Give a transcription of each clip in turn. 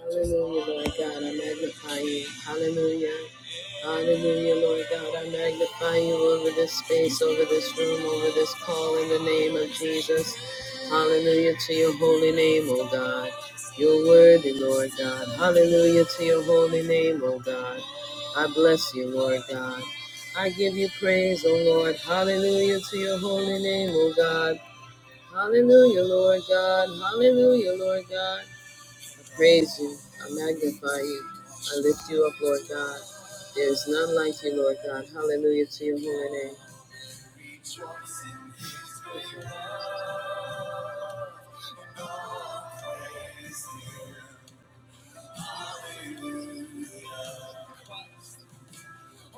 Hallelujah, Lord God, I magnify you. Hallelujah. Hallelujah, Lord God, I magnify you over this space, over this room, over this call in the name of Jesus. Hallelujah to your holy name, O God. You're worthy, Lord God. Hallelujah to your holy name, O God. I bless you, Lord God. I give you praise, O Lord. Hallelujah to your holy name, O God. Hallelujah, Lord God. Hallelujah, Lord God. I praise you. I magnify you. I lift you up, Lord God. There is none like you, Lord God. Hallelujah to your holy name.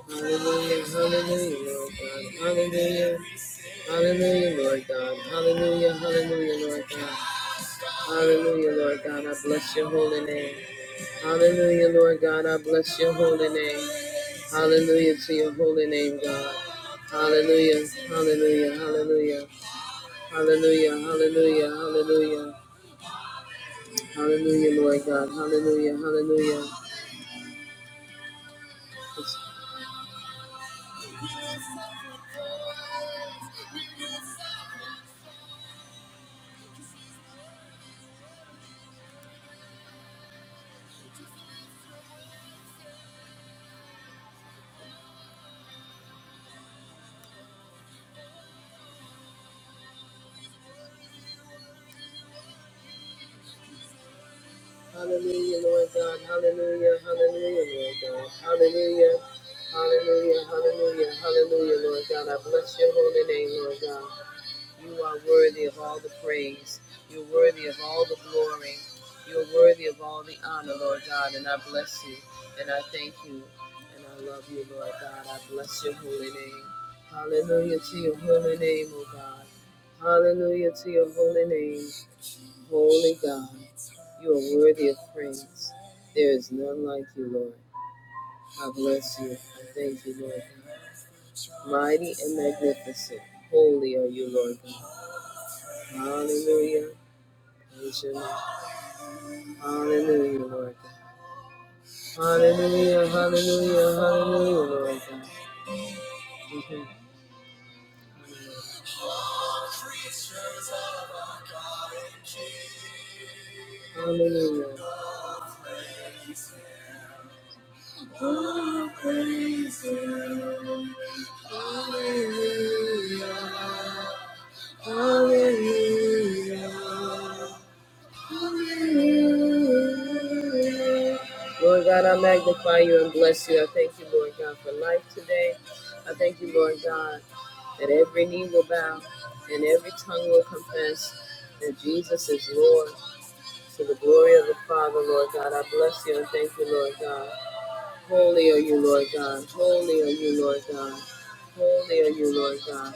Hallelujah, hallelujah, Lord God. Hallelujah, hallelujah, Lord God. Hallelujah, hallelujah, Lord God. Hallelujah, Lord God. I bless your holy name. Hallelujah, Lord God. I bless your holy name. Hallelujah to your holy name, God. Hallelujah, hallelujah, hallelujah. Hallelujah, hallelujah, hallelujah. Hallelujah, Lord God. Hallelujah, hallelujah. Hallelujah, Lord God. Hallelujah, hallelujah, Lord God. Hallelujah, hallelujah, hallelujah, hallelujah, Lord God. I bless your holy name, Lord God. You are worthy of all the praise. You're worthy of all the glory. You're worthy of all the honor, Lord God. And I bless you. And I thank you. And I love you, Lord God. I bless your holy name. Hallelujah to your holy name, O God. Hallelujah to your holy name, holy God. You are worthy of praise. There is none like you, Lord. I bless you. I thank you, Lord God. Mighty and magnificent. Holy are you, Lord God. Hallelujah. Hallelujah, Lord God. Hallelujah, hallelujah, hallelujah, Lord God. Mhm. Hallelujah. Oh, praise Him. Hallelujah. Hallelujah. Lord God, I magnify you and bless you. I thank you, Lord God, for life today. I thank you, Lord God, that every knee will bow and every tongue will confess that Jesus is Lord to the glory of the Father, Lord God. I bless you and thank you, Lord God. Holy are you, Lord God. Holy are you, Lord God. Holy are you, Lord God.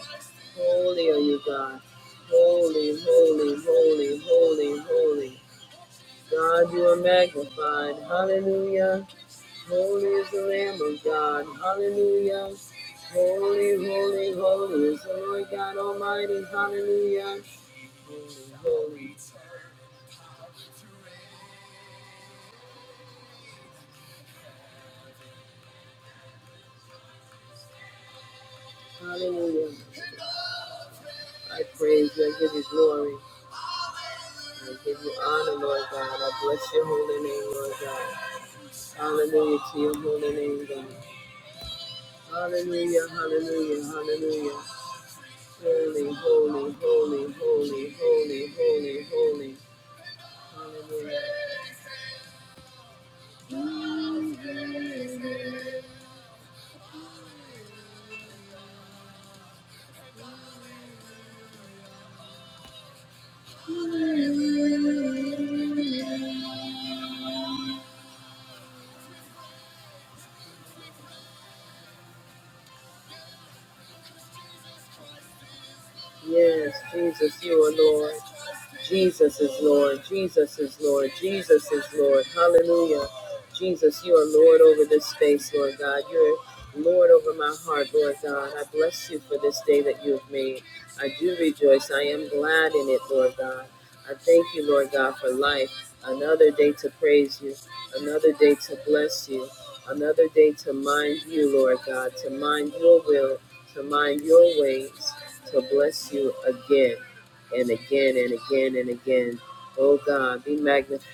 Holy are you, God. Holy, holy, holy, holy, holy. God, you are magnified. Hallelujah. Holy is the Lamb of God. Hallelujah. Holy, holy, holy is the Lord God Almighty. Hallelujah. Holy, holy. Hallelujah. I praise you. I give you glory. I give you honor, Lord God. I bless your holy name, Lord God. Hallelujah to your holy name, God. Hallelujah, hallelujah, hallelujah. Holy, holy, holy, holy, holy, holy, holy. Hallelujah. Yes, Jesus, you are Lord. Jesus is Lord. Jesus is Lord. Jesus is Lord. Hallelujah. Jesus, you are Lord over this space, Lord God. You're Lord over my heart, Lord God. I bless you for this day that you have made. I do rejoice. I am glad in it, Lord God. I thank you, Lord God, for life. Another day to praise you. Another day to bless you. Another day to mind you, Lord God. To mind your will. To mind your ways. To bless you again and again and again and again. Oh God, be magnified.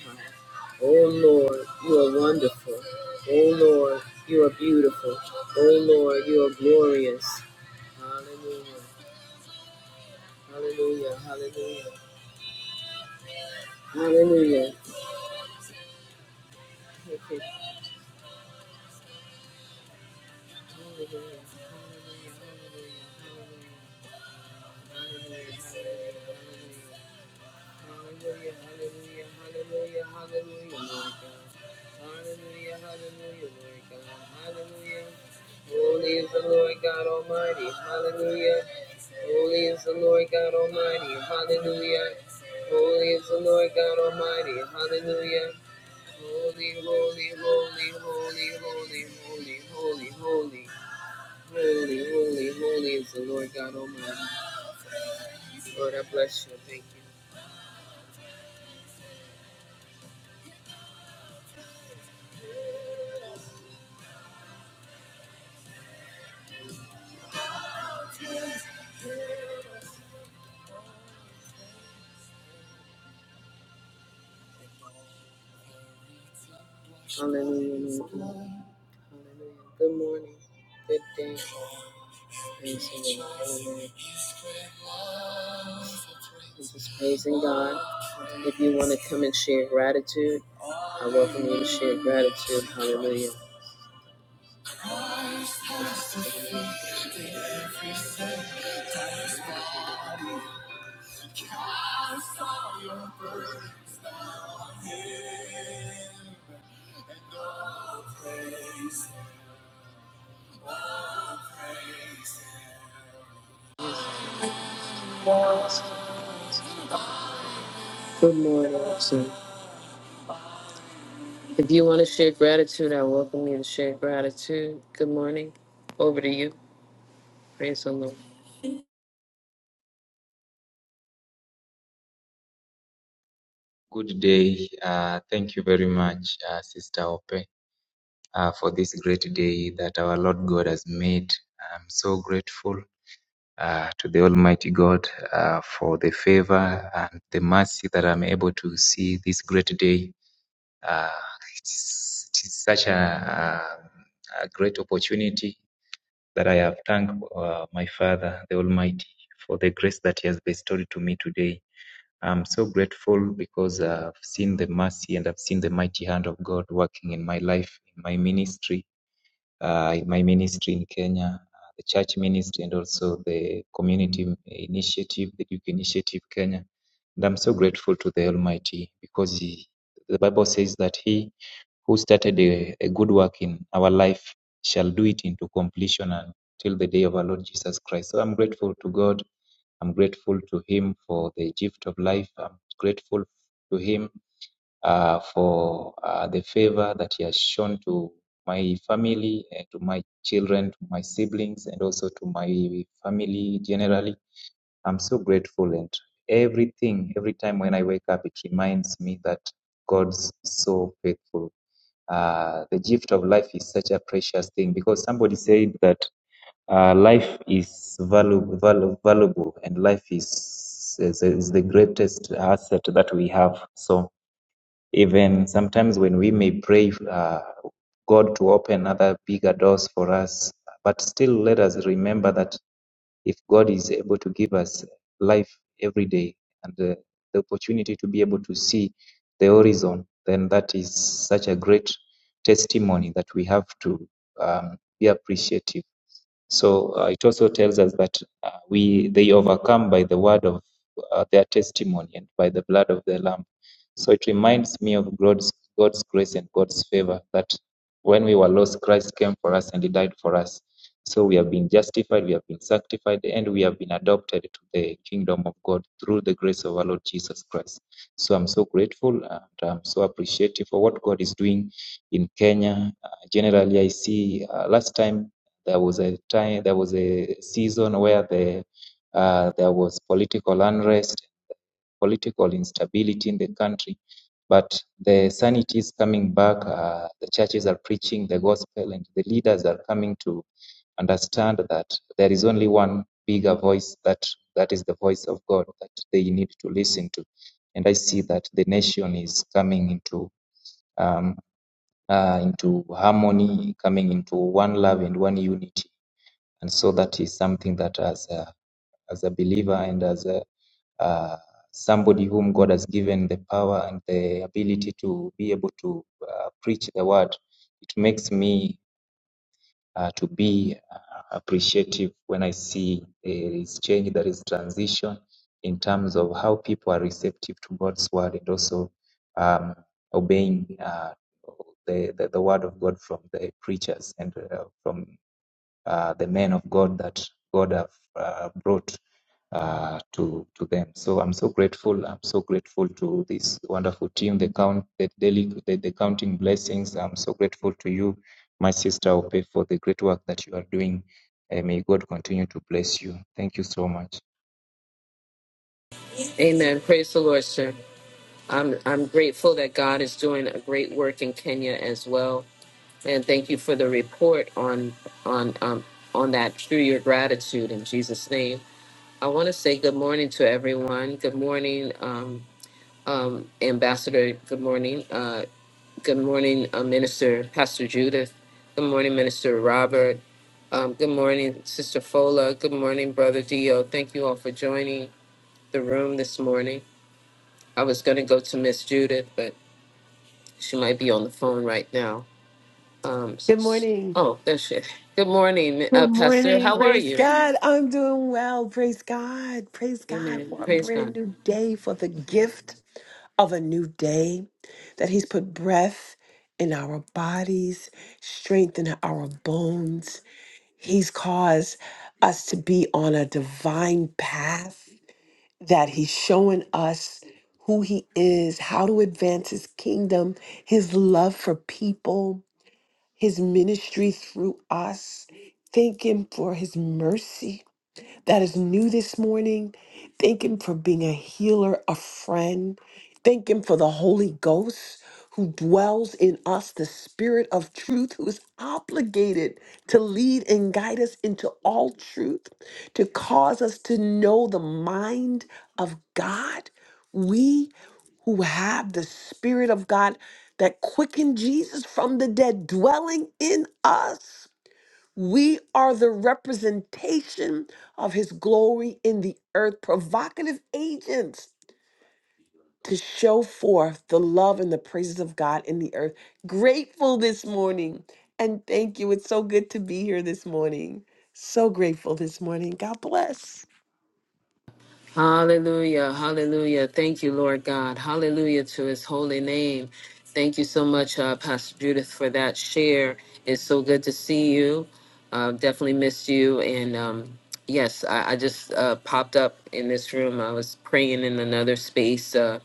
Oh Lord, you are wonderful. Oh Lord, you are beautiful. Oh Lord, you are glorious. Hallelujah. Hallelujah. Hallelujah. Hallelujah. Hallelujah. Hallelujah. Hallelujah. Hallelujah. Hallelujah. Hallelujah, hallelujah, hallelujah, hallelujah, Lord God. Hallelujah, hallelujah, Lord God. Hallelujah. Holy is the Lord God Almighty. Hallelujah. Holy is the Lord God Almighty. Hallelujah. Holy is the Lord God Almighty. Hallelujah. Holy, holy, holy, holy, holy, holy, holy, holy. Holy, holy, holy is the Lord God Almighty. Lord, I bless you. Thank you. Hallelujah. Lord God. Hallelujah. Good morning. Good day. All praise to the Lord. Hallelujah. This is praising God. If you want to come and share gratitude, I welcome you to share gratitude. Hallelujah. Good morning. sir. If you want to share gratitude, I welcome you to share gratitude. Good morning. Over to you. Praise the Lord. Good day. Uh, thank you very much, uh, Sister Ope, uh, for this great day that our Lord God has made. I'm so grateful uh, to the Almighty God uh, for the favor and the mercy that I'm able to see this great day. Uh, it's, it is such a, uh, a great opportunity that I have thanked uh, my Father, the Almighty, for the grace that He has bestowed to me today. I'm so grateful because I've seen the mercy and I've seen the mighty hand of God working in my life, in my ministry, uh, in my ministry in Kenya, uh, the church ministry, and also the community initiative, the Duke Initiative Kenya. And I'm so grateful to the Almighty because he, the Bible says that He who started a, a good work in our life shall do it into completion until the day of our Lord Jesus Christ. So I'm grateful to God I'm grateful to him for the gift of life. I'm grateful to him uh, for uh, the favor that he has shown to my family and to my children, to my siblings, and also to my family generally. I'm so grateful, and everything, every time when I wake up, it reminds me that God's so faithful. Uh, the gift of life is such a precious thing because somebody said that uh, life is valuable, valuable, valuable, and life is, is is the greatest asset that we have. So even sometimes when we may pray uh, God to open other bigger doors for us, but still let us remember that if God is able to give us life every day and uh, the opportunity to be able to see the horizon, then that is such a great testimony that we have to um, be appreciative so uh, it also tells us that uh, we they overcome by the word of uh, their testimony and by the blood of the Lamb. So it reminds me of God's, God's grace and God's favor that when we were lost, Christ came for us and He died for us. So we have been justified, we have been sanctified, and we have been adopted to the kingdom of God through the grace of our Lord Jesus Christ. So I'm so grateful and I'm so appreciative for what God is doing in Kenya. Uh, generally, I see uh, last time there was a time, there was a season where the uh, there was political unrest, political instability in the country. But the sanity is coming back. Uh, the churches are preaching the gospel, and the leaders are coming to understand that there is only one bigger voice that that is the voice of God that they need to listen to. And I see that the nation is coming into um, uh, into harmony, coming into one love and one unity and so that is something that as a as a believer and as a uh, somebody whom God has given the power and the ability to be able to uh, preach the word, it makes me uh, to be uh, appreciative when I see there is change, there is transition in terms of how people are receptive to God's word and also um, obeying uh, the, the the word of God from the preachers and uh, from uh, the men of God that God have uh, brought uh, to to them. So I'm so grateful. I'm so grateful to this wonderful team. The count the daily the, the counting blessings. I'm so grateful to you, my sister Ope, for the great work that you are doing. And may God continue to bless you. Thank you so much. Amen. Praise the Lord, sir. I'm I'm grateful that God is doing a great work in Kenya as well, and thank you for the report on on um, on that through your gratitude in Jesus' name. I want to say good morning to everyone. Good morning, um, um, Ambassador. Good morning. Uh, good morning, uh, Minister Pastor Judith. Good morning, Minister Robert. Um, good morning, Sister Fola. Good morning, Brother Dio. Thank you all for joining the room this morning. I was going to go to Miss Judith, but She might be on the phone right now. Um, s- Good s- morning. oh, there she is. Good morning, Good uh, Pastor. morning. How are Praise you? God. I'm doing well. Praise God. Praise God Amen. for a Praise brand God. new day, for the gift of a new day that He's put breath in our bodies, strength in our bones. He's caused us to be on a divine path that He's showing us who He is, how to advance His kingdom, His love for people. his ministry through us. Thank him for his mercy that is new this morning. Thank Him for being a healer, a friend. Thank Him for the Holy Ghost who dwells in us, the Spirit of truth, who is obligated to lead and guide us into all truth, to cause us to know the mind of God. We who have the Spirit of God that quickened Jesus from the dead dwelling in us. We are the representation of his glory in the earth, provocative agents to show forth the love and the praises of God in the earth. Grateful this morning. And thank you. It's so good to be here this morning. So grateful this morning. God bless. Hallelujah. Hallelujah. Thank you, Lord God. Hallelujah to his holy name. Thank you so much, uh, Pastor Judith, for that share. It's so good to see you. Uh, definitely missed you. And um, yes, I, I just uh, popped up in this room. I was praying in another space. Uh,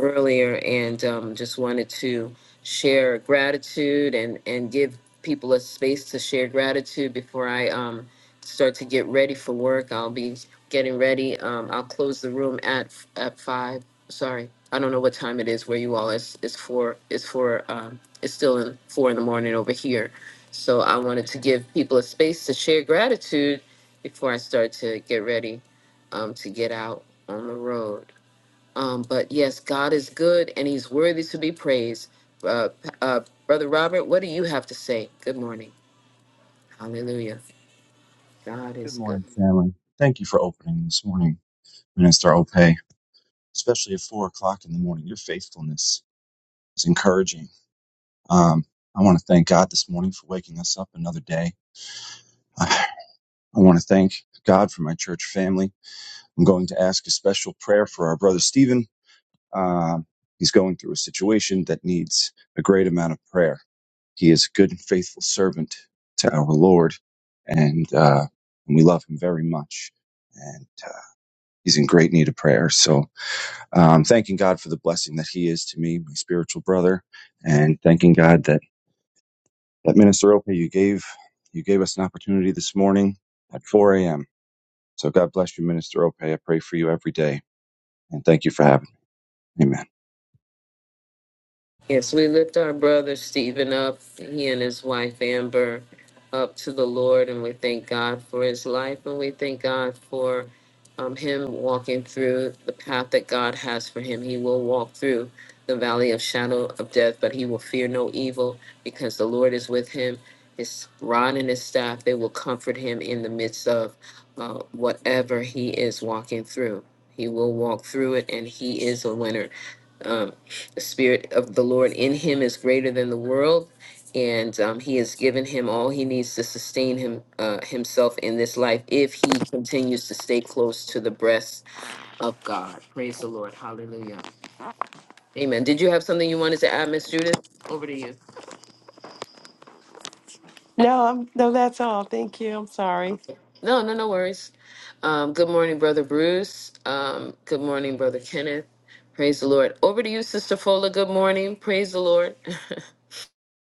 earlier and um, just wanted to share gratitude and, and give people a space to share gratitude before I um, start to get ready for work. I'll be getting ready. Um, I'll close the room at at five. Sorry, I don't know what time it is where you all. It's it's four. It's four. Um, it's still in four in the morning over here. So I wanted to give people a space to share gratitude before I start to get ready um, to get out on the road. Um, but yes, God is good and he's worthy to be praised. Uh, uh, Brother Robert, what do you have to say? Good morning. Hallelujah. God Good is good. morning, family. Thank you for opening this morning, Minister Ope, especially at four o'clock in the morning. Your faithfulness is encouraging. Um, I want to thank God this morning for waking us up another day. I want to thank God for my church family. I'm going to ask a special prayer for our brother Stephen. Um, he's going through a situation that needs a great amount of prayer. He is a good and faithful servant to our Lord, and, uh, and we love him very much. And uh, he's in great need of prayer. So um, thanking God for the blessing that He is to me, my spiritual brother, and thanking God that that Minister Ope, you gave you gave us an opportunity this morning at 4 a.m. So God bless you, Minister Ope. I pray for you every day, and thank you for having me. Amen. Yes, we lift our brother Stephen up, he and his wife Amber, up to the Lord, and we thank God for his life, and we thank God for um, him walking through the path that God has for him. He will walk through the valley of shadow of death, but he will fear no evil because the Lord is with him. His rod and his staff, they will comfort him in the midst of uh, whatever he is walking through. He will walk through it, and he is a winner. Um, the Spirit of the Lord in him is greater than the world, and um, He has given him all he needs to sustain him uh, himself in this life if he continues to stay close to the breast of God. Praise the Lord. Hallelujah. Amen. Did you have something you wanted to add, Miss Judith? Over to you. No, I'm no, that's all. Thank you. I'm sorry. Okay. No, no, no worries. Um, good morning, Brother Bruce. Um, good morning, Brother Kenneth. Praise the Lord. Over to you, Sister Fola. Good morning. Praise the Lord.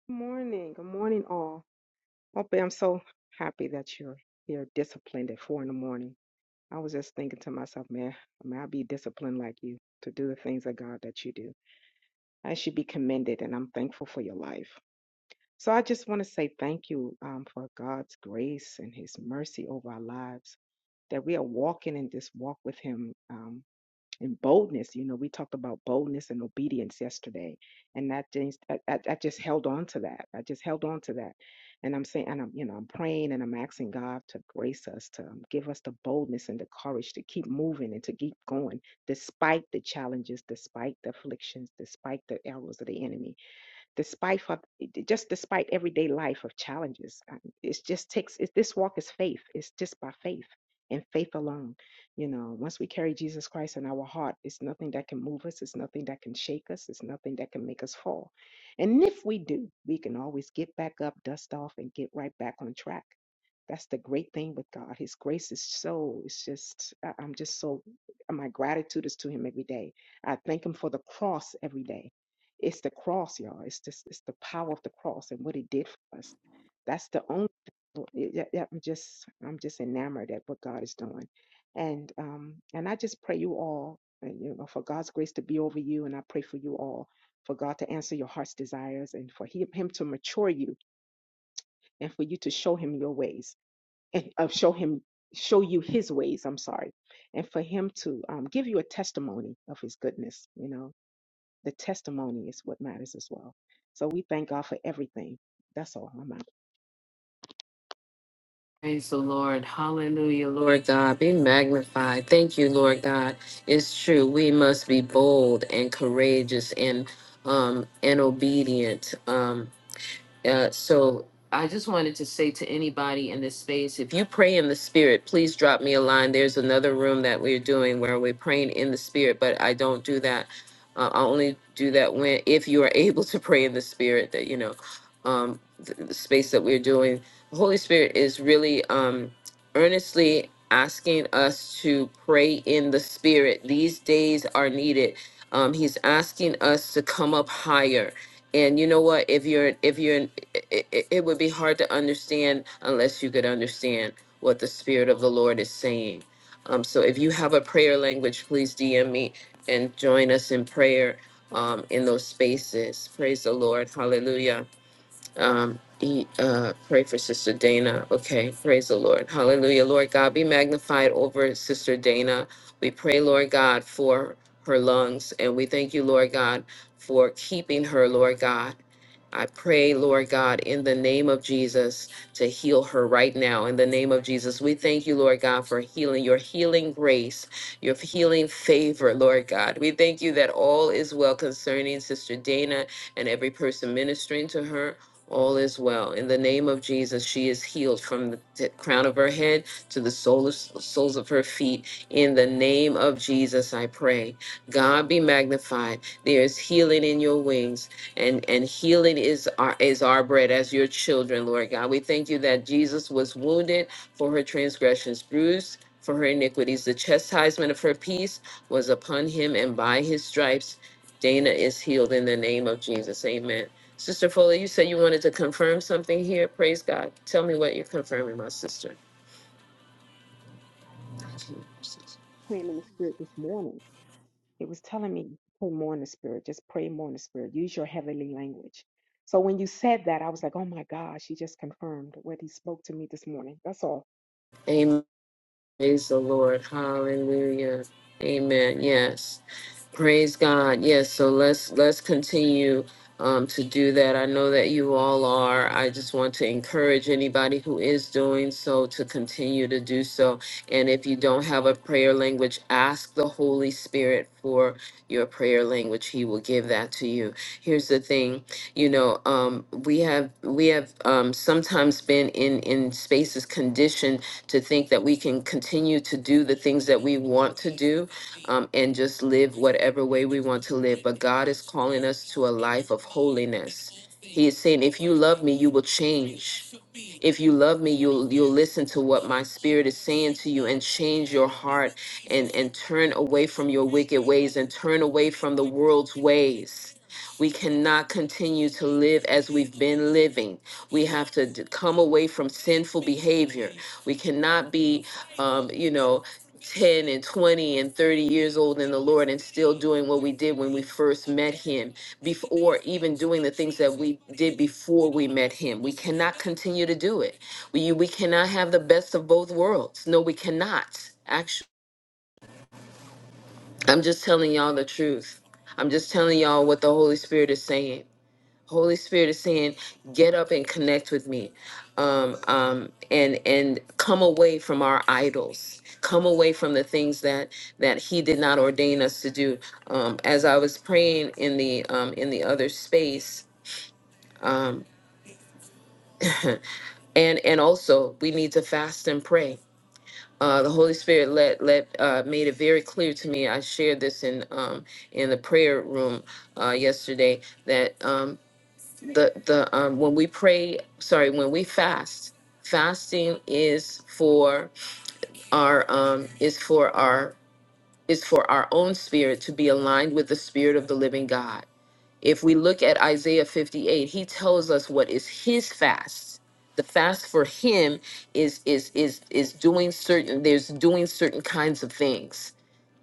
Good morning. Good morning, all. Hope I'm so happy that you're you're disciplined at four in the morning. I was just thinking to myself, man, may I be disciplined like you to do the things of God that you do. I should be commended, and I'm thankful for your life. So I just want to say thank you um, for God's grace and His mercy over our lives, that we are walking in this walk with Him. um, and boldness. You know, we talked about boldness and obedience yesterday, and that just I, I I just held on to that. I just held on to that, and I'm saying, and I'm you know, I'm praying and I'm asking God to grace us to um, give us the boldness and the courage to keep moving and to keep going despite the challenges, despite the afflictions, despite the arrows of the enemy despite of, just despite everyday life of challenges um, it's just takes it, this walk is faith it's just by faith and faith alone you know once we carry jesus christ in our heart it's nothing that can move us it's nothing that can shake us it's nothing that can make us fall and if we do we can always get back up dust off and get right back on track that's the great thing with god his grace is so it's just I- i'm just so my gratitude is to him every day i thank him for the cross every day it's the cross, y'all. It's just it's the power of the cross and what it did for us. That's the only. thing. Lord, y- y- y- I'm just I'm just enamored at what God is doing, and um and I just pray you all, uh, you know, for God's grace to be over you, and I pray for you all for God to answer your heart's desires and for he, Him to mature you and for you to show Him your ways and uh, show Him show you His ways. I'm sorry, and for Him to um, give you a testimony of His goodness, you know the testimony is what matters as well. So we thank God for everything. That's all I'm out. Praise the Lord. Hallelujah, Lord God. Be magnified. Thank you, Lord God. It's true. We must be bold and courageous and um and obedient. Um uh, so I just wanted to say to anybody in this space, if you pray in the spirit, please drop me a line. There's another room that we're doing where we're praying in the spirit, but I don't do that. Uh, I only do that when if you are able to pray in the spirit that you know. Um, the space that we're doing, the Holy Spirit is really um, earnestly asking us to pray in the Spirit. These days are needed. Um, he's asking us to come up higher. And you know what? If you're, if you're, it, it it would be hard to understand unless you could understand what the Spirit of the Lord is saying. Um, so if you have a prayer language, please DM me and join us in prayer um, in those spaces. Praise the Lord. Hallelujah um, e- uh, pray for Sister Dana. Okay, praise the Lord. Hallelujah. Lord God, be magnified over Sister Dana. We pray, Lord God, for her lungs, and we thank you, Lord God, for keeping her, Lord God. I pray, Lord God, in the name of Jesus, to heal her right now. In the name of Jesus, we thank you, Lord God, for healing, your healing grace, your healing favor, Lord God. We thank you that all is well concerning Sister Dana and every person ministering to her. All is well. In the name of Jesus, she is healed from the t- crown of her head to the sole of- soles of her feet. In the name of Jesus, I pray. God be magnified. There is healing in your wings and and healing is our is our bread as your children lord god we thank you that jesus was wounded for her transgressions bruised for her iniquities the chastisement of her peace was upon him and by his stripes dana is healed in the name of jesus amen sister fuller you said you wanted to confirm something here praise god tell me what you're confirming my sister Praying in the spirit this morning. It was telling me pray more in the spirit. Just pray more in the spirit. Use your heavenly language. So when you said that, I was like, oh my gosh, she just confirmed what he spoke to me this morning. That's all. amen praise the lord hallelujah amen yes Praise God. Yes, so let's let's continue um, to do that. I know that you all are. I just want to encourage anybody who is doing so to continue to do so. And if you don't have a prayer language, ask the Holy Spirit for your prayer language. He will give that to you. Here's the thing, you know, um, we have we have um, sometimes been in in spaces conditioned to think that we can continue to do the things that we want to do um, and just live whatever way we want to live. But God is calling us to a life of holiness. He is saying, if you love me, you will change. If you love me, you'll you'll listen to what my spirit is saying to you and change your heart and and turn away from your wicked ways and turn away from the world's ways. We cannot continue to live as we've been living. We have to d- come away from sinful behavior. We cannot be, um, you know, 10 and 20 and 30 years old in the Lord and still doing what we did when we first met Him before even doing the things that we did before we met him. We cannot continue to do it. We we cannot have the best of both worlds. No, we cannot. Actually, I'm just telling y'all the truth. I'm just telling y'all what the Holy Spirit is saying. Holy Spirit is saying, get up and connect with me, um, um, and and come away from our idols. Come away from the things that that He did not ordain us to do. Um, as I was praying in the um, in the other space, um, and and also we need to fast and pray uh, the Holy Spirit let let uh, made it very clear to me. I shared this in um, in the prayer room uh, yesterday that um, the the um, when we pray, sorry, when we fast, fasting is for our um, is for our is for our own spirit to be aligned with the spirit of the living God if we look at Isaiah 58, he tells us what is his fast. The fast for him is is is is doing certain there's doing certain kinds of things,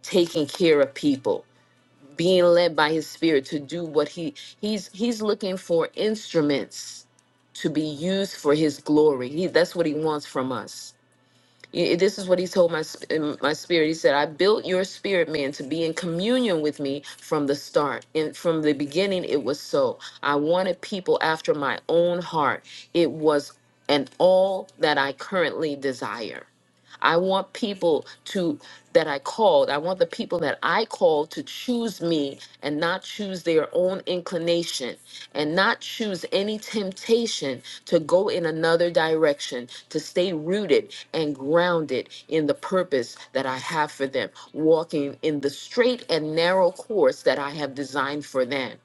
taking care of people, being led by his spirit to do what he he's he's looking for instruments to be used for his glory. He that's what he wants from us Y- This is what he told my sp- in my spirit. He said, "I built your spirit man to be in communion with me from the start. And from the beginning, it was so. I wanted people after my own heart. It was." And all that I currently desire. I want people to that I called. I want the people that I called to choose me and not choose their own inclination and not choose any temptation to go in another direction, to stay rooted and grounded in the purpose that I have for them, walking in the straight and narrow course that I have designed for them.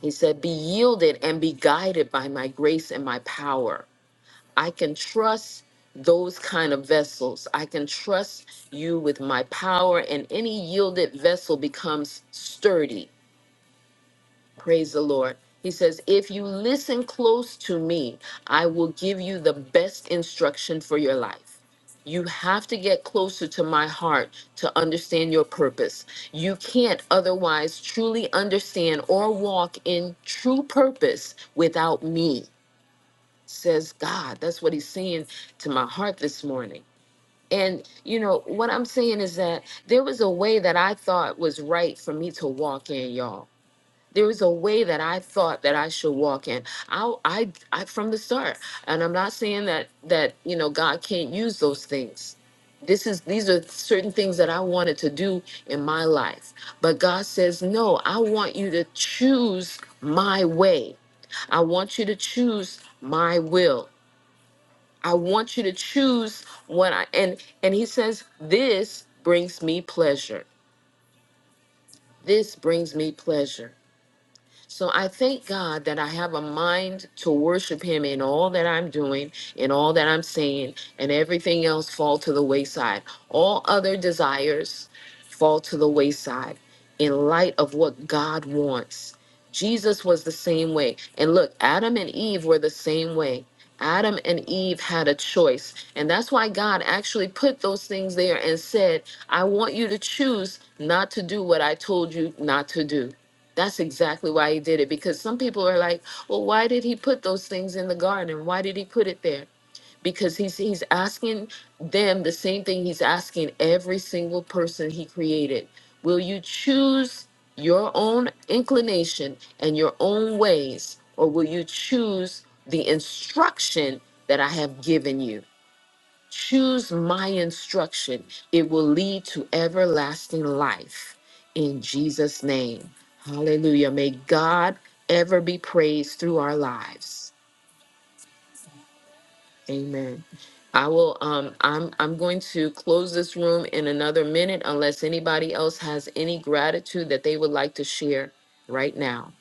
He said, Be yielded and be guided by my grace and my power I can trust those kind of vessels. I can trust you with my power, and any yielded vessel becomes sturdy. Praise the Lord. He says, If you listen close to me, I will give you the best instruction for your life. You have to get closer to my heart to understand your purpose. You can't otherwise truly understand or walk in true purpose without me says God. That's what he's saying to my heart this morning. And, you know, what I'm saying is that there was a way that I thought was right for me to walk in, y'all. There was a way that I thought that I should walk in. I, I, I from the start. And I'm not saying that that you know God can't use those things. This is these are certain things that I wanted to do in my life. But God says, no, I want you to choose my way. I want you to choose my will. I want you to choose what I and and he says this brings me pleasure. This brings me pleasure. So I thank God that I have a mind to worship Him in all that I'm doing, in all that I'm saying, and everything else fall to the wayside. All other desires fall to the wayside in light of what God wants. Jesus was the same way. And look, Adam and Eve were the same way. Adam and Eve had a choice. And that's why God actually put those things there and said, I want you to choose not to do what I told you not to do. That's exactly why he did it because some people are like, well, why did he put those things in the garden? Why did he put it there? Because he's he's asking them the same thing he's asking every single person he created. Will you choose your own inclination and your own ways, or will you choose the instruction that I have given you? Choose my instruction. It will lead to everlasting life. In Jesus' name. Hallelujah. May God ever be praised through our lives. Amen. I will um I'm I'm going to close this room in another minute unless anybody else has any gratitude that they would like to share right now.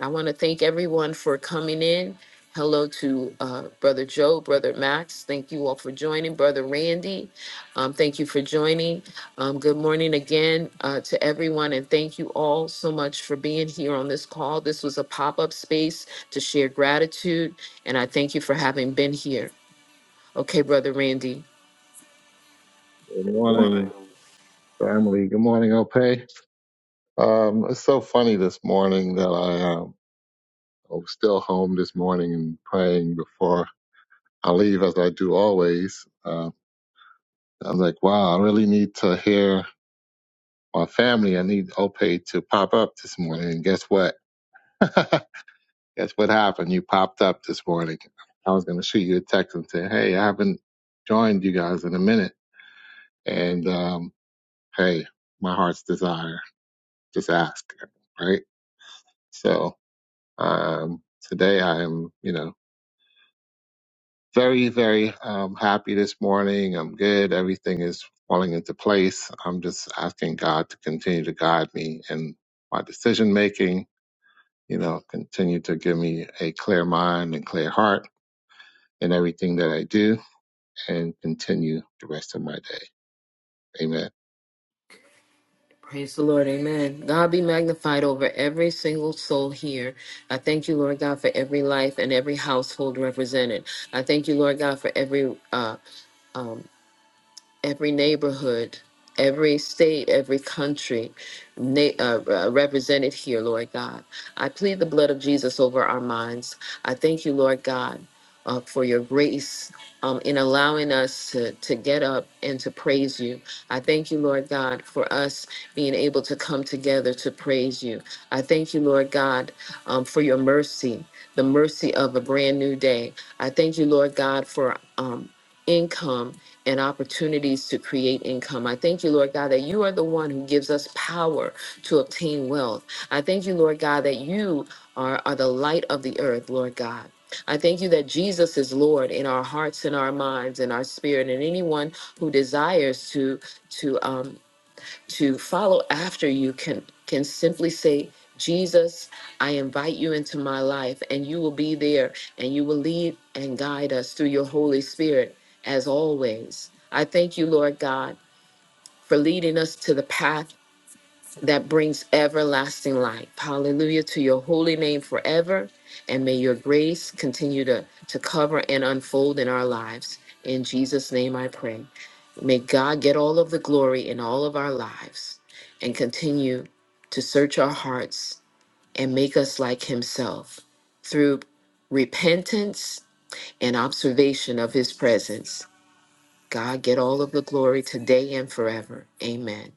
I want to thank everyone for coming in. Hello to uh, Brother Joe, Brother Max. Thank you all for joining. Brother Randy, um, thank you for joining. Um, good morning again uh, to everyone, and thank you all so much for being here on this call. This was a pop up space to share gratitude, and I thank you for having been here. Okay, Brother Randy. Good morning, Wow. family. Good morning, Opay. Um, it's so funny this morning that I um, I'm still home this morning and praying before I leave, as I do always. Uh, I was like, wow, I really need to hear my family. I need Opay to pop up this morning. And guess what? guess what happened? You popped up this morning. I was going to shoot you a text and say, hey, I haven't joined you guys in a minute. And um, hey, my heart's desire, just ask, right? So. Um, today I am, you know, very, very um, happy this morning. I'm good. Everything is falling into place. I'm just asking God to continue to guide me in my decision making, you know, continue to give me a clear mind and clear heart in everything that I do and continue the rest of my day. Amen. Praise the Lord. Amen. God be magnified over every single soul here. I thank you, Lord God, for every life and every household represented. I thank you, Lord God, for every uh, um, every neighborhood, every state, every country na- uh, uh, represented here, Lord God. I plead the blood of Jesus over our minds. I thank you, Lord God, uh, for your grace um, in allowing us to, to get up and to praise you. I thank you, Lord God, for us being able to come together to praise you. I thank you, Lord God, um, for your mercy, the mercy of a brand new day. I thank you, Lord God, for um, income and opportunities to create income. I thank you, Lord God, that you are the one who gives us power to obtain wealth. I thank you, Lord God, that you are, are the light of the earth, Lord God. I thank you that Jesus is Lord in our hearts and our minds and our spirit, and anyone who desires to to um, to follow after you can can simply say Jesus, I invite you into my life and you will be there and you will lead and guide us through your Holy Spirit as always. I thank you, Lord God, for leading us to the path that brings everlasting life. Hallelujah to your holy name forever. And may your grace continue to, to cover and unfold in our lives. In Jesus' name I pray. May God get all of the glory in all of our lives and continue to search our hearts and make us like Himself through repentance and observation of His presence. God, get all of the glory today and forever. Amen.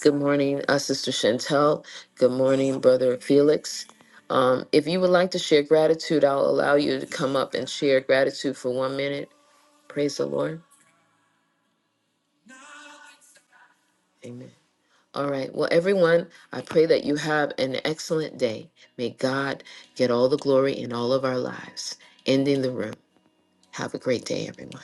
Good morning, uh, Sister Chantel. Good morning, Brother Felix. Um, if you would like to share gratitude, I'll allow you to come up and share gratitude for one minute. Praise the Lord. Amen. All right. Well, everyone, I pray that you have an excellent day. May God get all the glory in all of our lives. Ending the room. Have a great day, everyone.